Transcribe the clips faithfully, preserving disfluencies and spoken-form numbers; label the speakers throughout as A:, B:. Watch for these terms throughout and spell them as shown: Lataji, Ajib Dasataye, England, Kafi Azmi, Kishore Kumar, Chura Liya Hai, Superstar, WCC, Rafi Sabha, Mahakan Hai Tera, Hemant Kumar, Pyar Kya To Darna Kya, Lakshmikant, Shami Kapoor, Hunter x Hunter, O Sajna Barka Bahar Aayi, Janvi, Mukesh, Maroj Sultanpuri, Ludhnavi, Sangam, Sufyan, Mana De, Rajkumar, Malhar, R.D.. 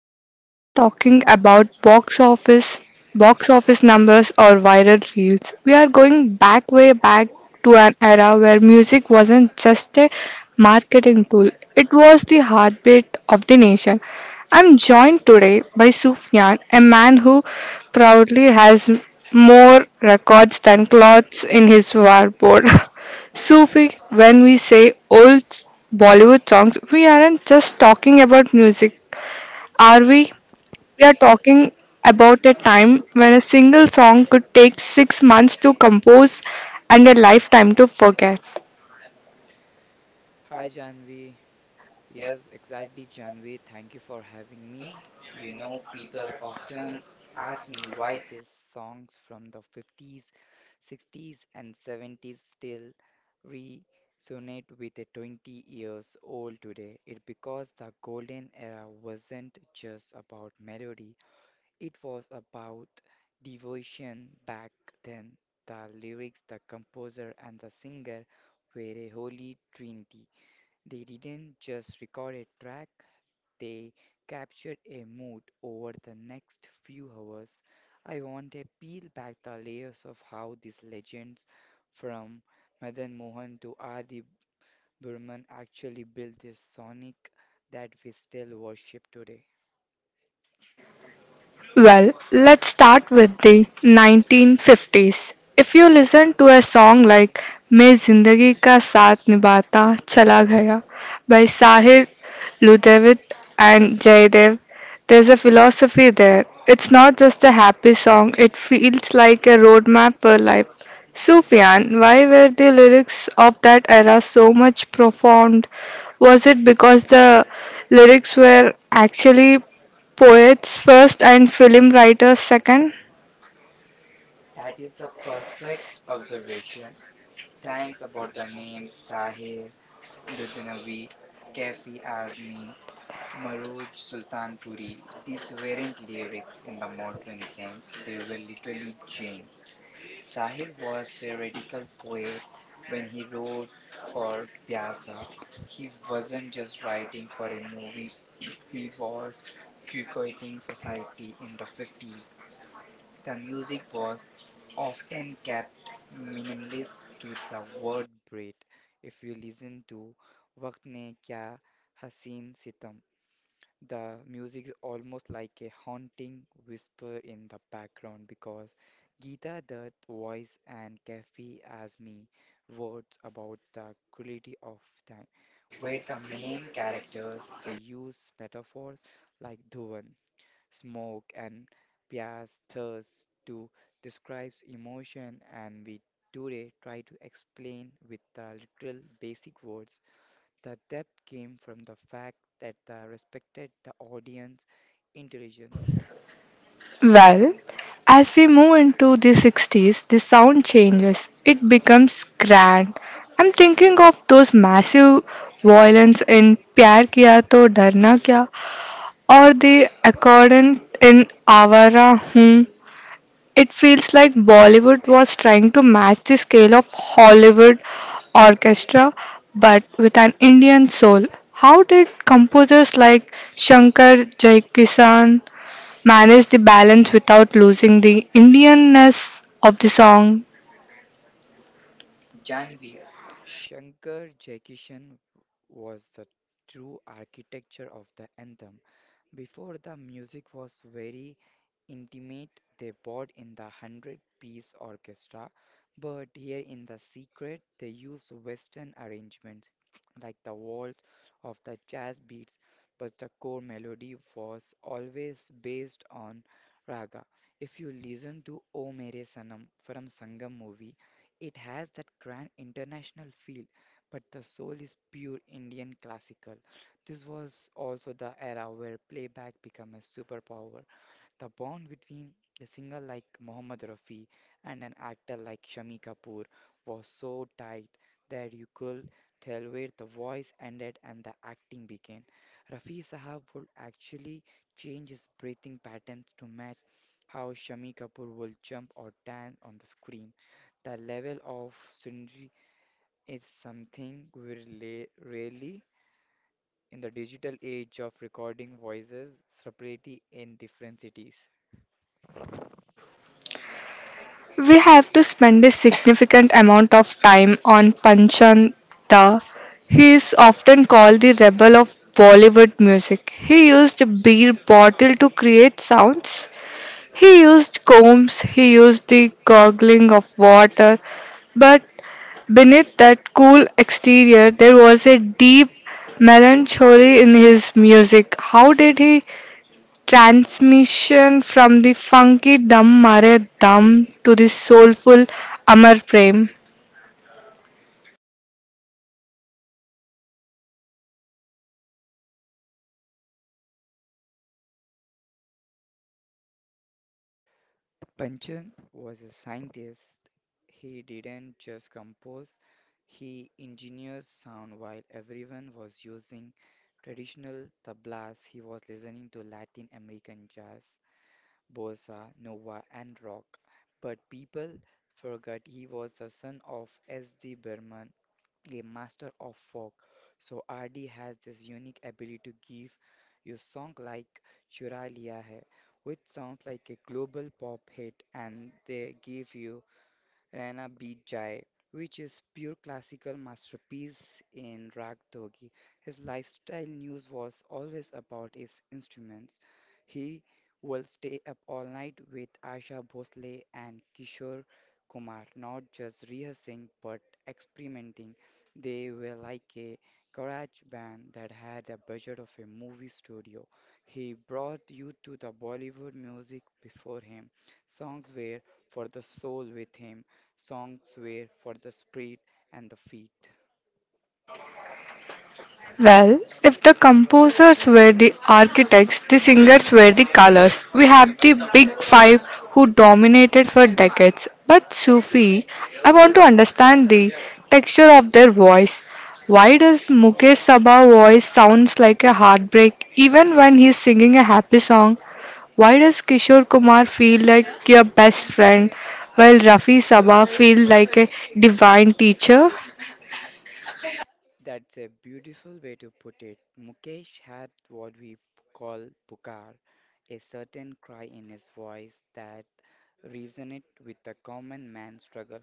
A: we aren't talking about box office box office numbers or viral reels. We are going back, way back, to an era where music wasn't just a marketing tool. It was the heartbeat of the nation. I'm joined today by Sufyan, a man who proudly has more records than clothes in his wardrobe. Sufi, when we say old Bollywood songs, we aren't just talking about music, are we? We are talking about a time when a single song could take six months to compose and a lifetime to forget.
B: Hi Janvi. Yes, exactly, Janvi. Thank you for having me. You know, people often ask me why these songs from the fifties, sixties, and seventies still resonate with a twenty years old today. It's because the golden era wasn't just about melody, it was about devotion back then. The lyrics, the composer, and the singer were a holy trinity. They didn't just record a track, they captured a mood over the next few hours. I want to peel back the layers of how these legends from Madan Mohan to Adi Burman actually built this sonic that we still worship today.
A: Well, let's start with the nineteen fifties. If you listen to a song like मैं जिंदगी का साथ निभाता चला गया by Sahir Ludavit and Jayadev, there's a philosophy there. It's not just a happy song, it feels like a roadmap for life. Sufyan, why were the lyrics of that era so much profound? Was it because the lyrics were actually poets first and film writers second?
B: That is the perfect observation. Thanks about the names Sahir, Ludhnavi, Kafi Azmi, Maroj Sultanpuri, these weren't lyrics in the modern sense, they were literally genes. Sahir was a radical poet when he wrote for Pyasa. He wasn't just writing for a movie, he was criticizing society in the fifties. The music was often kept minimalist to the word bread. If you listen to Waqt ne Kya Haseen, the music is almost like a haunting whisper in the background because Gita that voice and Kafi as me words about the quality of time, where the main characters they use metaphors like dhuan, smoke, and pyas, thirst to describe emotion, and we today try to explain with the literal basic words. The depth came from the fact that they respected the audience intelligence.
A: Well, as we move into the sixties, the sound changes. It becomes grand. I'm thinking of those massive violins in Pyar Kiya To Darna Kya or the accordion in Awara. It feels like Bollywood was trying to match the scale of Hollywood orchestra but with an Indian soul. How did composers like Shankar Jayakisan manage the balance without losing the Indianness of the song?
B: Janvi, Shankar Jaikishan was the true architecture of the anthem. Before, the music was very intimate. They bought in the one hundred piece orchestra, but here in The Secret they use Western arrangements like the waltz of the jazz beats, but the core melody was always based on raga. If you listen to O Mere Sanam from Sangam movie, it has that grand international feel, but the soul is pure Indian classical. This was also the era where playback became a superpower. The bond between a singer like Mohammed Rafi and an actor like Shami Kapoor was so tight that you could tell where the voice ended and the acting began. Rafi Sahab would actually change his breathing patterns to match how Shami Kapoor will jump or dance on the screen. The level of synergy is something we rela- rarely in the digital age of recording voices separately in different cities.
A: We have to spend a significant amount of time on Panchanda. He is often called the rebel of Bollywood music. He used a beer bottle to create sounds. He used combs, he used the gurgling of water, but beneath that cool exterior there was a deep melancholy in his music. How did he transmission from the funky Dum Mare Dum to the soulful Amar Prem?
B: Panchan was a scientist. He didn't just compose, he engineered sound while everyone was using traditional tablas. He was listening to Latin American jazz, bossa, nova, and rock. But people forgot he was the son of S. D. Burman, game master of folk. So R D has this unique ability to give you song like Chura Liya Hai, which sounds like a global pop hit, and they give you Raina beat Jai, which is pure classical masterpiece in rag dogi. His lifestyle news was always about his instruments. He will stay up all night with Asha Bhosle and Kishore Kumar, not just rehearsing but experimenting. They were like a garage band that had a budget of a movie studio. He brought you to the Bollywood music before him. Songs were for the soul. With him, songs were for the spirit and the feet.
A: Well, if the composers were the architects, the singers were the colors. We have the big five who dominated for decades. But Sufi, I want to understand the texture of their voice. Why does Mukesh Sabha voice sounds like a heartbreak even when he's singing a happy song? Why does Kishore Kumar feel like your best friend while Rafi Sabha feel like a divine teacher?
B: That's a beautiful way to put it. Mukesh had what we call pukar, a certain cry in his voice that resonated with the common man's struggle.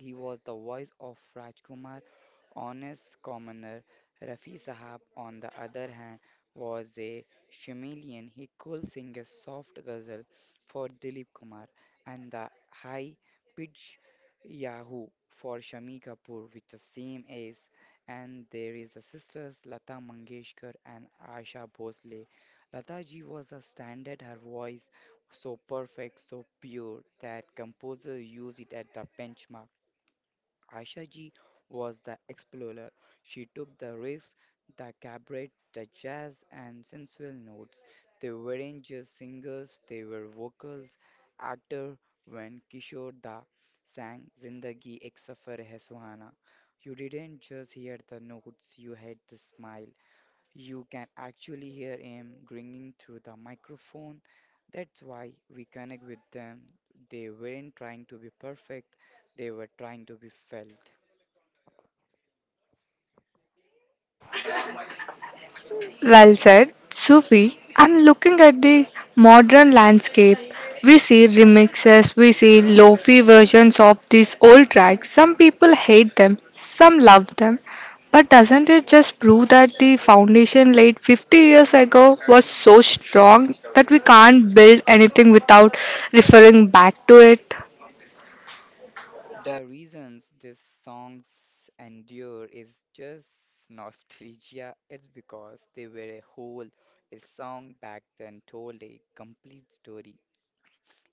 B: He was the voice of Rajkumar, honest commoner. Rafi Sahab, on the other hand, was a chameleon. He could sing a soft ghazal for Dilip Kumar and the high pitch Yahoo for Shami Kapoor with the same ace. And there is the sisters Lata Mangeshkar and Asha Bhosle. Lata ji was a standard, her voice so perfect, so pure that composers use it at the benchmark. Aisha Ji was the explorer. She took the risks, the cabaret, the jazz, and sensual notes. They weren't just singers, they were vocals, actor. When Kishore Da sang Zindagi Ek Safar Hai Suhana, you didn't just hear the notes, you had the smile. You can actually hear him ringing through the microphone. That's why we connect with them. They weren't trying to be perfect, they were trying to be felt.
A: Well said, Sufi. I'm looking at the modern landscape. We see remixes, we see lofi versions of these old tracks. Some people hate them, some love them. But doesn't it just prove that the foundation laid fifty years ago was so strong that we can't build anything without referring back to it?
B: The reasons these songs endure is just nostalgia. It's because they were a whole. A song back then told a complete story.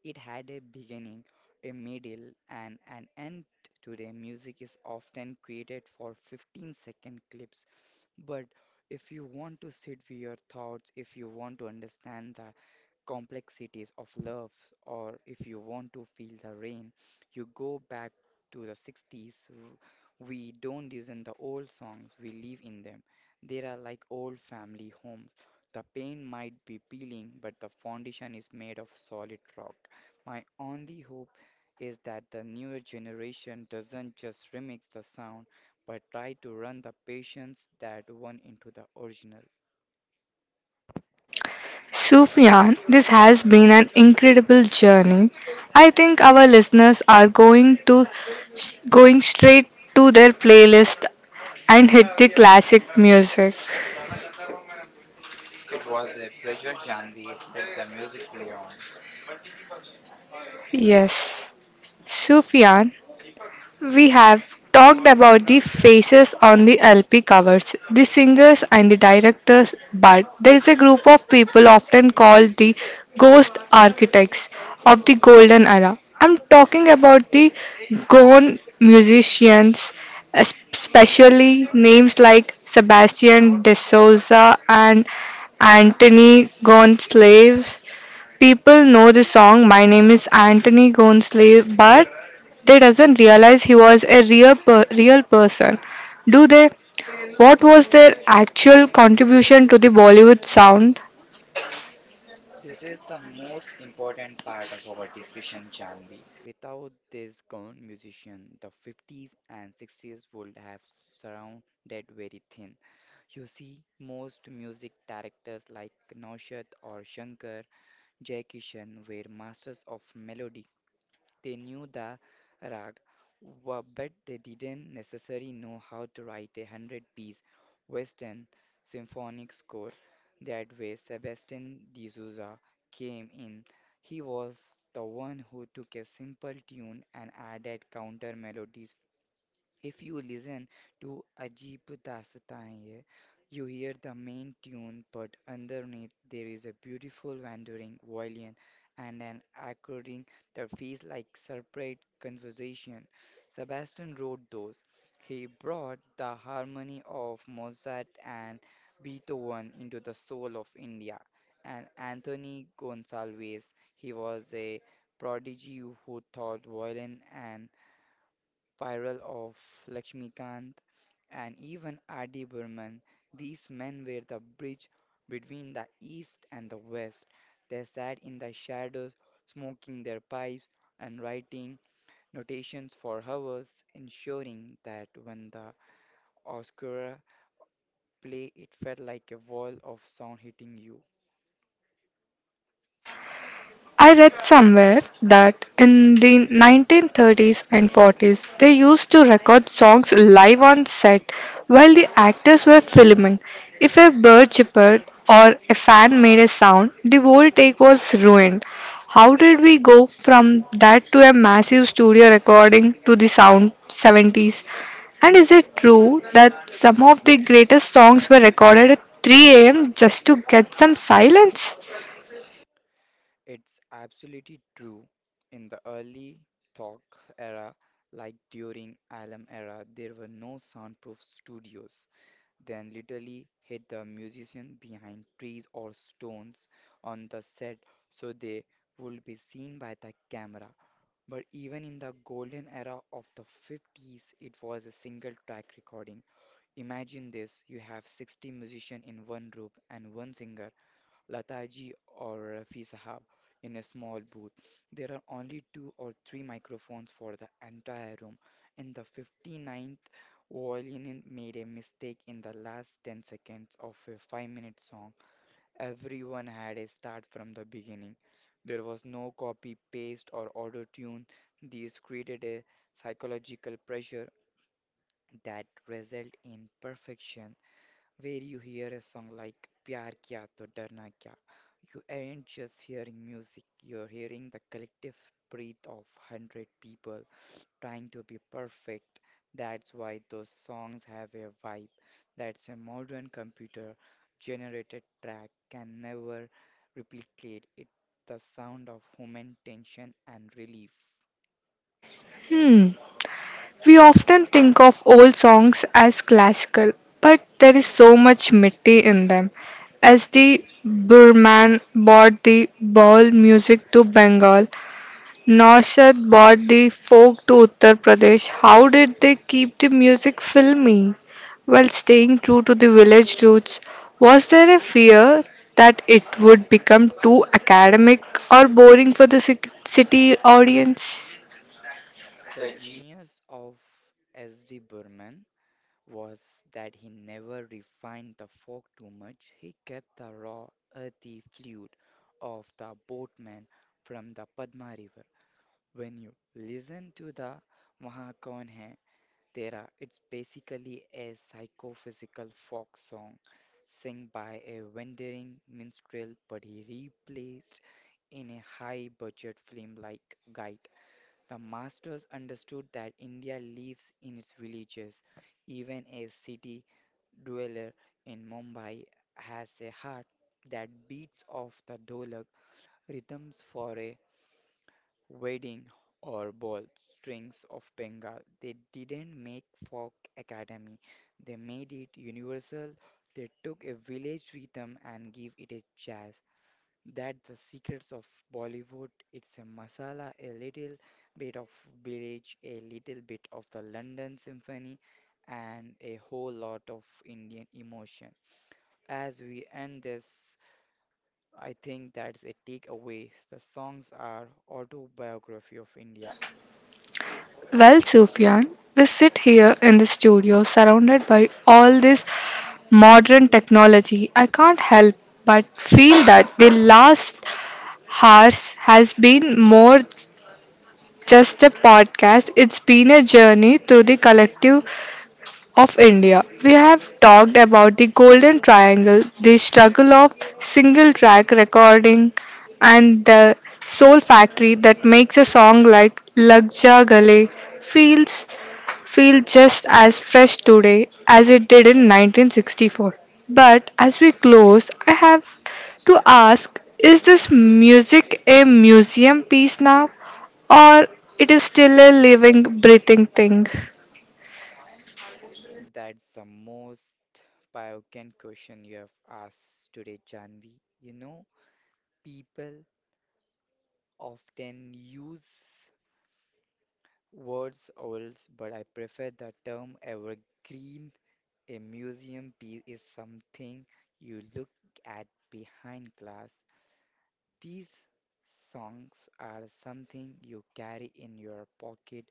B: It had a beginning, a middle, and an end. Today, music is often created for fifteen-second clips. But if you want to sit with your thoughts, if you want to understand that, complexities of love, or if you want to feel the rain, you go back to the sixties. W- We don't listen the old songs, we live in them. They are like old family homes. The paint might be peeling, but the foundation is made of solid rock. My only hope is that the newer generation doesn't just remix the sound, but try to run the patience that went into the original.
A: Sufyan, this has been an incredible journey. I think our listeners are going to going straight to their playlist and hit the classic music.
B: It was a pleasure, Janvi. Let the music play on.
A: Yes. Sufyan, we have talked about the faces on the L P covers, the singers and the directors, but there is a group of people often called the ghost architects of the golden era. I'm talking about the gone musicians, especially names like Sebastian de Souza and Anthony Gonsalves. People know the song My Name is Anthony Gonsalves, but they doesn't realize he was a real per- real person. Do they? What was their actual contribution to the Bollywood sound?
B: This is the most important part of our discussion, Janvi. Without this gone musician, the fifties and sixties would have surrounded very thin. You see, most music directors like Naushad or Shankar Jaikishan were masters of melody. They knew the rag, wa- but they didn't necessarily know how to write a one hundred-piece Western symphonic score. That way, Sebastian de Souza came in. He was the one who took a simple tune and added counter melodies. If you listen to Ajib Dasataye, you hear the main tune, but underneath there is a beautiful wandering violin and an accordion that feels like separate conversation. Sebastian wrote those. He brought the harmony of Mozart and Beethoven into the soul of India. And Anthony Gonsalves, he was a prodigy who taught violin and Spiral of Lakshmikant, and even R D. Burman, these men were the bridge between the East and the West. They sat in the shadows, smoking their pipes and writing notations for hours, ensuring that when the orchestra played, it felt like a wall of sound hitting you.
A: I read somewhere that in the nineteen thirties and forties they used to record songs live on set while the actors were filming. If a bird chirped or a fan made a sound, the whole take was ruined. How did we go from that to a massive studio recording to the sound seventies? And is it true that some of the greatest songs were recorded at three a m just to get some silence?
B: It's absolutely true. In the early talk era, like during Alem era, there were no soundproof studios. Then literally hit the musician behind trees or stones on the set so they would be seen by the camera. But even in the golden era of the fifties, it was a single track recording. Imagine this, you have sixty musicians in one room and one singer Lataji or Rafi Sahab in a small booth. There are only two or three microphones for the entire room, and the 59th violin made a mistake in the last ten seconds of a five minute song. Everyone had a start from the beginning. There was no copy, paste, or auto tune. This created a psychological pressure that result in perfection where you hear a song like Pyar Kya To Darna Kya. You aren't just hearing music, you're hearing the collective breath of one hundred people trying to be perfect. That's why those songs have a vibe. That's a modern computer generated track can never replicate it. The sound of human tension and relief.
A: Hmm. We often think of old songs as classical, but there is so much Mitti in them. As the Burman brought the Baul music to Bengal, Naushad brought the folk to Uttar Pradesh. How did they keep the music filmy while staying true to the village roots? Was there a fear that it would become too academic or boring for the ci- city audience?
B: The genius of S D. Burman was that he never refined the fork too much. He kept the raw, earthy fluid of the boatman from the Padma River. When you listen to the Mahakan Hai Tera, it's basically a psychophysical folk song sung by a wandering minstrel, but he replaced in a high-budget film like Guide. The masters understood that India lives in its villages. Even a city dweller in Mumbai has a heart that beats of the dolak rhythms for a wedding or ball strings of Bengal. They didn't make folk academy. They made it universal. They took a village rhythm and give it a jazz. That's the secrets of Bollywood. It's a masala, a little bit of village, a little bit of the London Symphony, and a whole lot of Indian emotion. As we end this, I think that's a takeaway. The songs are autobiography of India.
A: Well, Sufyan, we sit here in the studio surrounded by all this modern technology. I can't help but feel that the last hours has been more just a podcast. It's been a journey through the collective of India. We have talked about the Golden Triangle, the struggle of single track recording, and the soul factory that makes a song like Lag Ja Gale feels feel just as fresh today as it did in nineteen sixty-four. But as we close, I have to ask, is this music a museum piece now or it is still a living breathing thing?
B: That's the most poignant question you have asked today, Janvi. You know, people often use words oils, but I prefer the term evergreen. A museum piece is something you look at behind glass. These songs are something you carry in your pocket.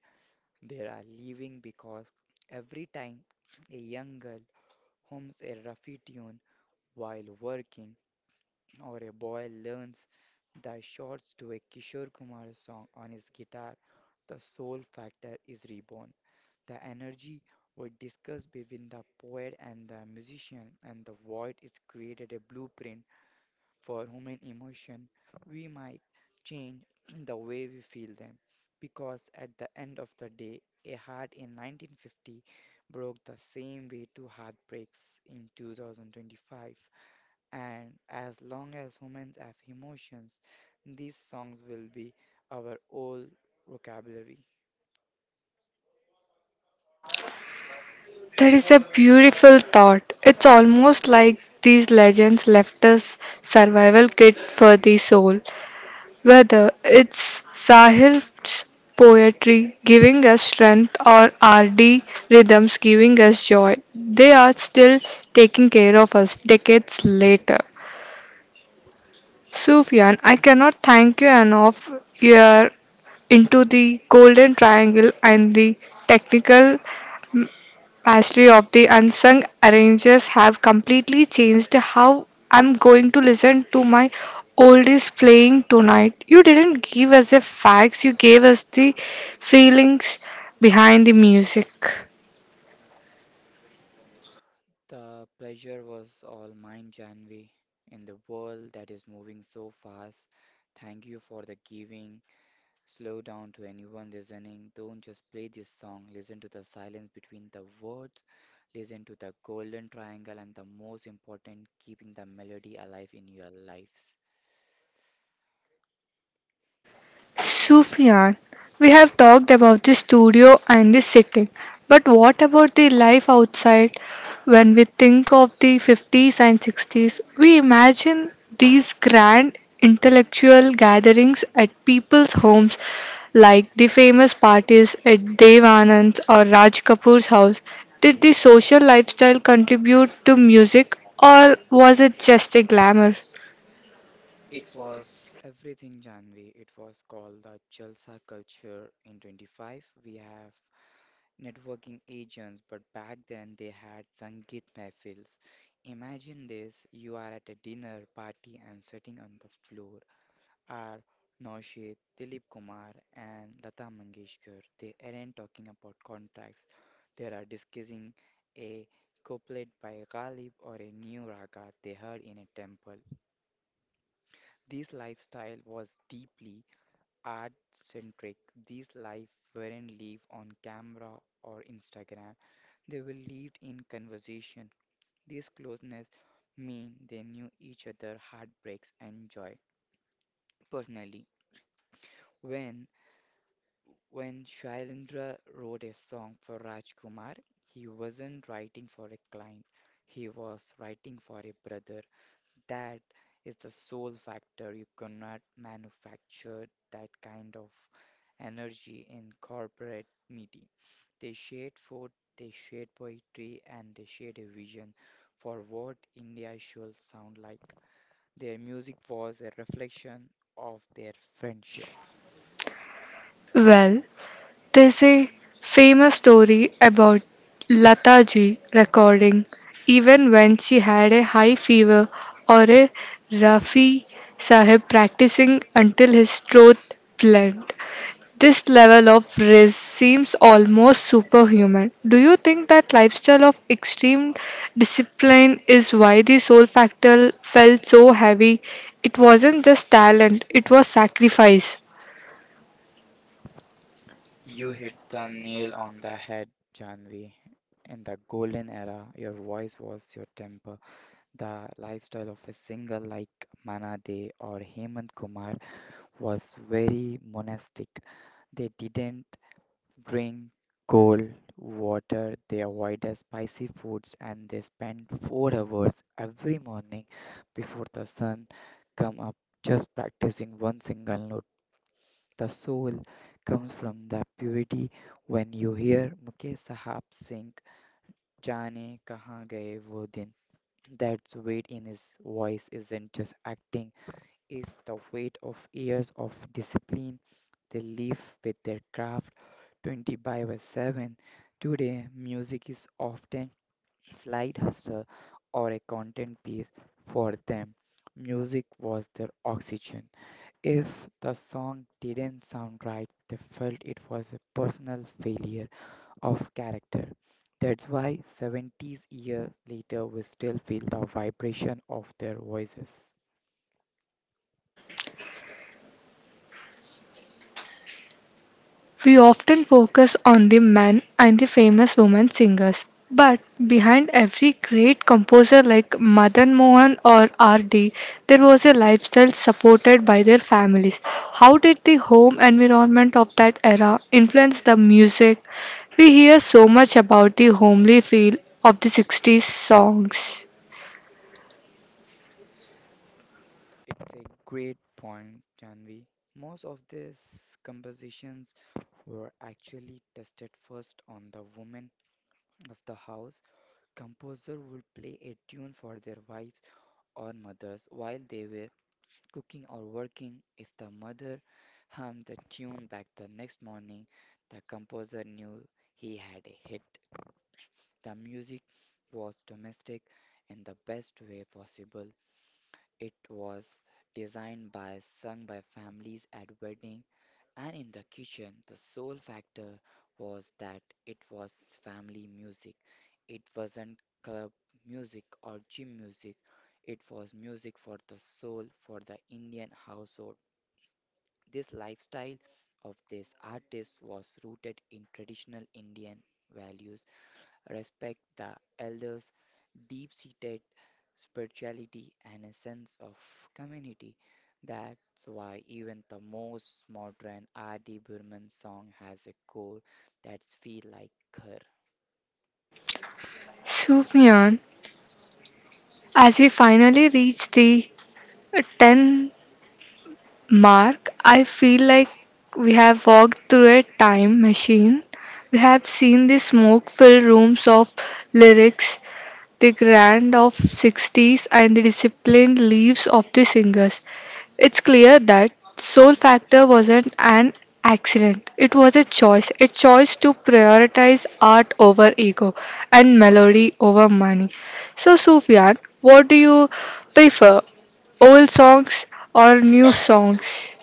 B: They are leaving because every time a young girl hums a ruffy tune while working, or a boy learns the chords to a Kishore Kumar song on his guitar, the soul factor is reborn. The energy we discuss between the poet and the musician and the void is created a blueprint for human emotion, we might change the way we feel them. Because at the end of the day, a heart in nineteen fifty broke the same way two heartbreaks in two thousand twenty-five. And as long as humans have emotions, these songs will be our old vocabulary.
A: That is a beautiful thought. It's almost like these legends left us survival kit for the soul. Whether it's sahirs' poetry giving us strength or R D rhythms giving us joy, they are still taking care of us decades later. Sufyan, I cannot thank you enough. You are into the golden triangle and the technical Pastry of the unsung arrangers have completely changed how I'm going to listen to my oldies playing tonight. You didn't give us the facts, you gave us the feelings behind the music.
B: The pleasure was all mine, Janvi. In the world that is moving so fast, thank you for the giving Slow down to anyone listening. Don't just play this song. Listen to the silence between the words. Listen to the golden triangle and the most important, keeping the melody alive in your lives.
A: Sufyan, we have talked about the studio and the setting, but what about the life outside? When we think of the fifties and sixties, we imagine these grand intellectual gatherings at people's homes, like the famous parties at Dev Anand's or Raj Kapoor's house. Did the social lifestyle contribute to music, or was it just a glamour?
B: It was everything, Janvi. It was called the Jalsa culture in twenty-five. We have networking agents, but back then they had Sangeet Mehfils. Imagine this, you are at a dinner party and sitting on the floor. Are Naushad, Dilip Kumar, and Lata Mangeshkar. They aren't talking about contracts, they are discussing a couplet by Ghalib or a new raga they heard in a temple. This lifestyle was deeply art centric. These life weren't live on camera or Instagram, they were lived in conversation. This closeness mean they knew each other heartbreaks and joy personally when When Shailendra wrote a song for Rajkumar, he wasn't writing for a client, he was writing for a brother. That is the soul factor. You cannot manufacture that kind of energy in corporate meeting. They shared food, they shared poetry, and they shared a vision for what India should sound like. Their music was a reflection of their friendship.
A: Well, there's a famous story about Lataji recording even when she had a high fever or a Rafi Sahib practicing until his throat bled. This level of risk seems almost superhuman. Do you think that lifestyle of extreme discipline is why the soul factor felt so heavy? It wasn't just talent, it was sacrifice.
B: You hit the nail on the head, Janvi. In the golden era, your voice was your temper. The lifestyle of a singer like Mana De or Hemant Kumar was very monastic. They didn't drink cold water, they avoided spicy foods, and they spent four hours every morning before the sun come up just practicing one single note the soul comes from the purity. When you hear Mukesh Sahab sing Jaane Kahan Gaye Wo Din, that weight in his voice isn't just acting, it's the weight of years of discipline. They live with their craft twenty by seven. Today, music is often slide hustle or a content piece for them. Music was their oxygen. If the song didn't sound right, they felt it was a personal failure of character. That's why seventies years later we still feel the vibration of their voices.
A: We often focus on the men and the famous women singers, but behind every great composer like Madan Mohan or R D, there was a lifestyle supported by their families. How did the home environment of that era influence the music? We hear so much about the homely feel of the sixties songs.
B: It's a great point, Janvi. Most of these compositions were actually tested first on the women of the house. Composer would play a tune for their wives or mothers while they were cooking or working. If the mother hummed the tune back the next morning, the composer knew he had a hit. The music was domestic in the best way possible. It was designed by, sung by families at wedding and in the kitchen. The sole factor was that it was family music. It wasn't club music or gym music. It was music for the soul, for the Indian household. This lifestyle of this artist was rooted in traditional Indian values, respect the elders, deep seated spirituality, and a sense of community. That's why even the most modern R D. Burman song has a core that's feel like her.
A: Sufyan, as we finally reach the ten Mark, I feel like we have walked through a time machine. We have seen the smoke filled rooms of lyrics, the grand of sixties, and the disciplined leaves of the singers. It's clear that Soul Factor wasn't an accident, it was a choice, a choice to prioritize art over ego and melody over money. So, Sufyan, what do you prefer? Old songs or new songs?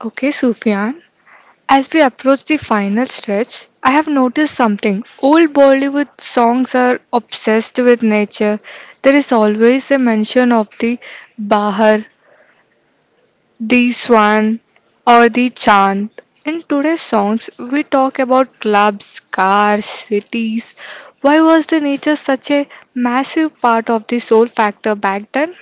A: Okay, Sufyan. As we approach the final stretch, I have noticed something. Old Bollywood songs are obsessed with nature. There is always a mention of the bahar, the swan, or the chant. In today's songs, we talk about clubs, cars, cities. Why was the nature such a massive part of the soul factor back then?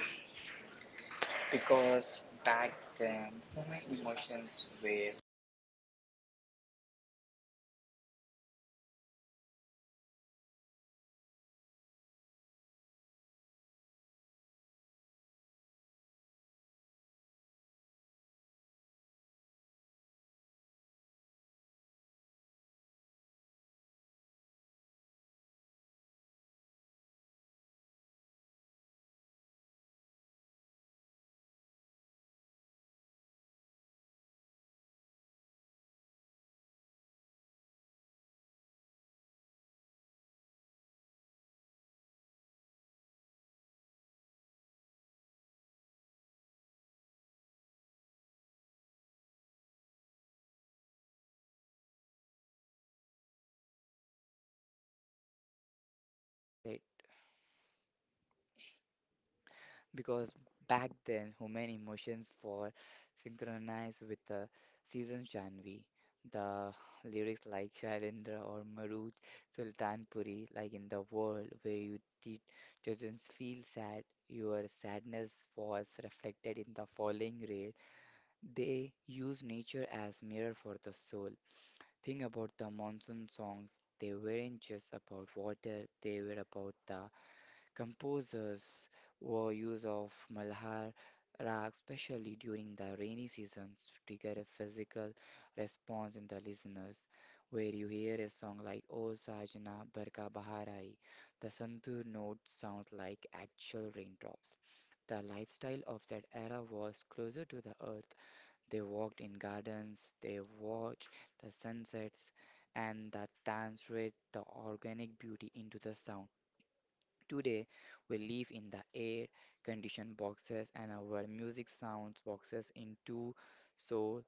B: Translate. Because back then, human emotions were synchronized with the season's Janvi. The lyrics like Shailendra or Maruj Sultanpuri, like in the world where you did doesn't feel sad, your sadness was reflected in the falling rain. They use nature as mirror for the soul. Think about the monsoon songs. They weren't just about water, they were about the Composers were use of Malhar rag, especially during the rainy seasons, to trigger a physical response in the listeners, where you hear a song like O Sajna Barka Bahar Aayi. The santur notes sound like actual raindrops. The lifestyle of that era was closer to the earth. They walked in gardens, they watched the sunsets, and that danced with the organic beauty into the sound. Today, we live in the air conditioned boxes, and our music sounds boxes into soul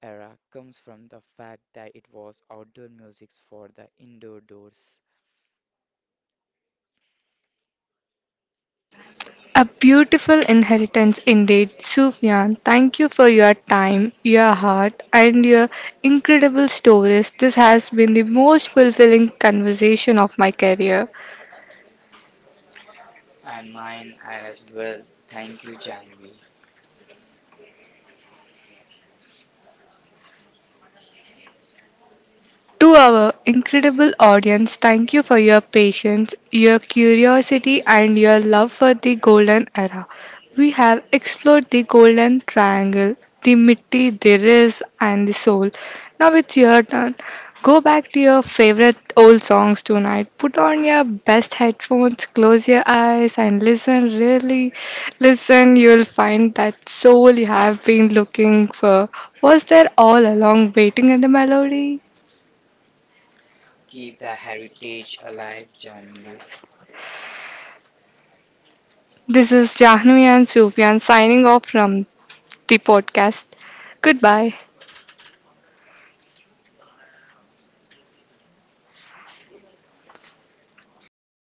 B: era comes from the fact that it was outdoor music for the indoor doors
A: A beautiful inheritance indeed, Sufyan. Thank you for your time, your heart, and your incredible stories. This has been the most fulfilling conversation of my career.
B: and mine and as well. Thank you, Janvi.
A: To our incredible audience, thank you for your patience, your curiosity, and your love for the Golden Era. We have explored the Golden Triangle, the Mitti, the Riz, and the Soul. Now it's your turn. Go back to your favorite old songs tonight. Put on your best headphones, close your eyes, and listen. Really listen, you'll find that soul you have been looking for was there all along, waiting in the melody.
B: Keep the heritage alive, Janvi.
A: This is Jahnvi and Sufyan signing off from the podcast. Goodbye.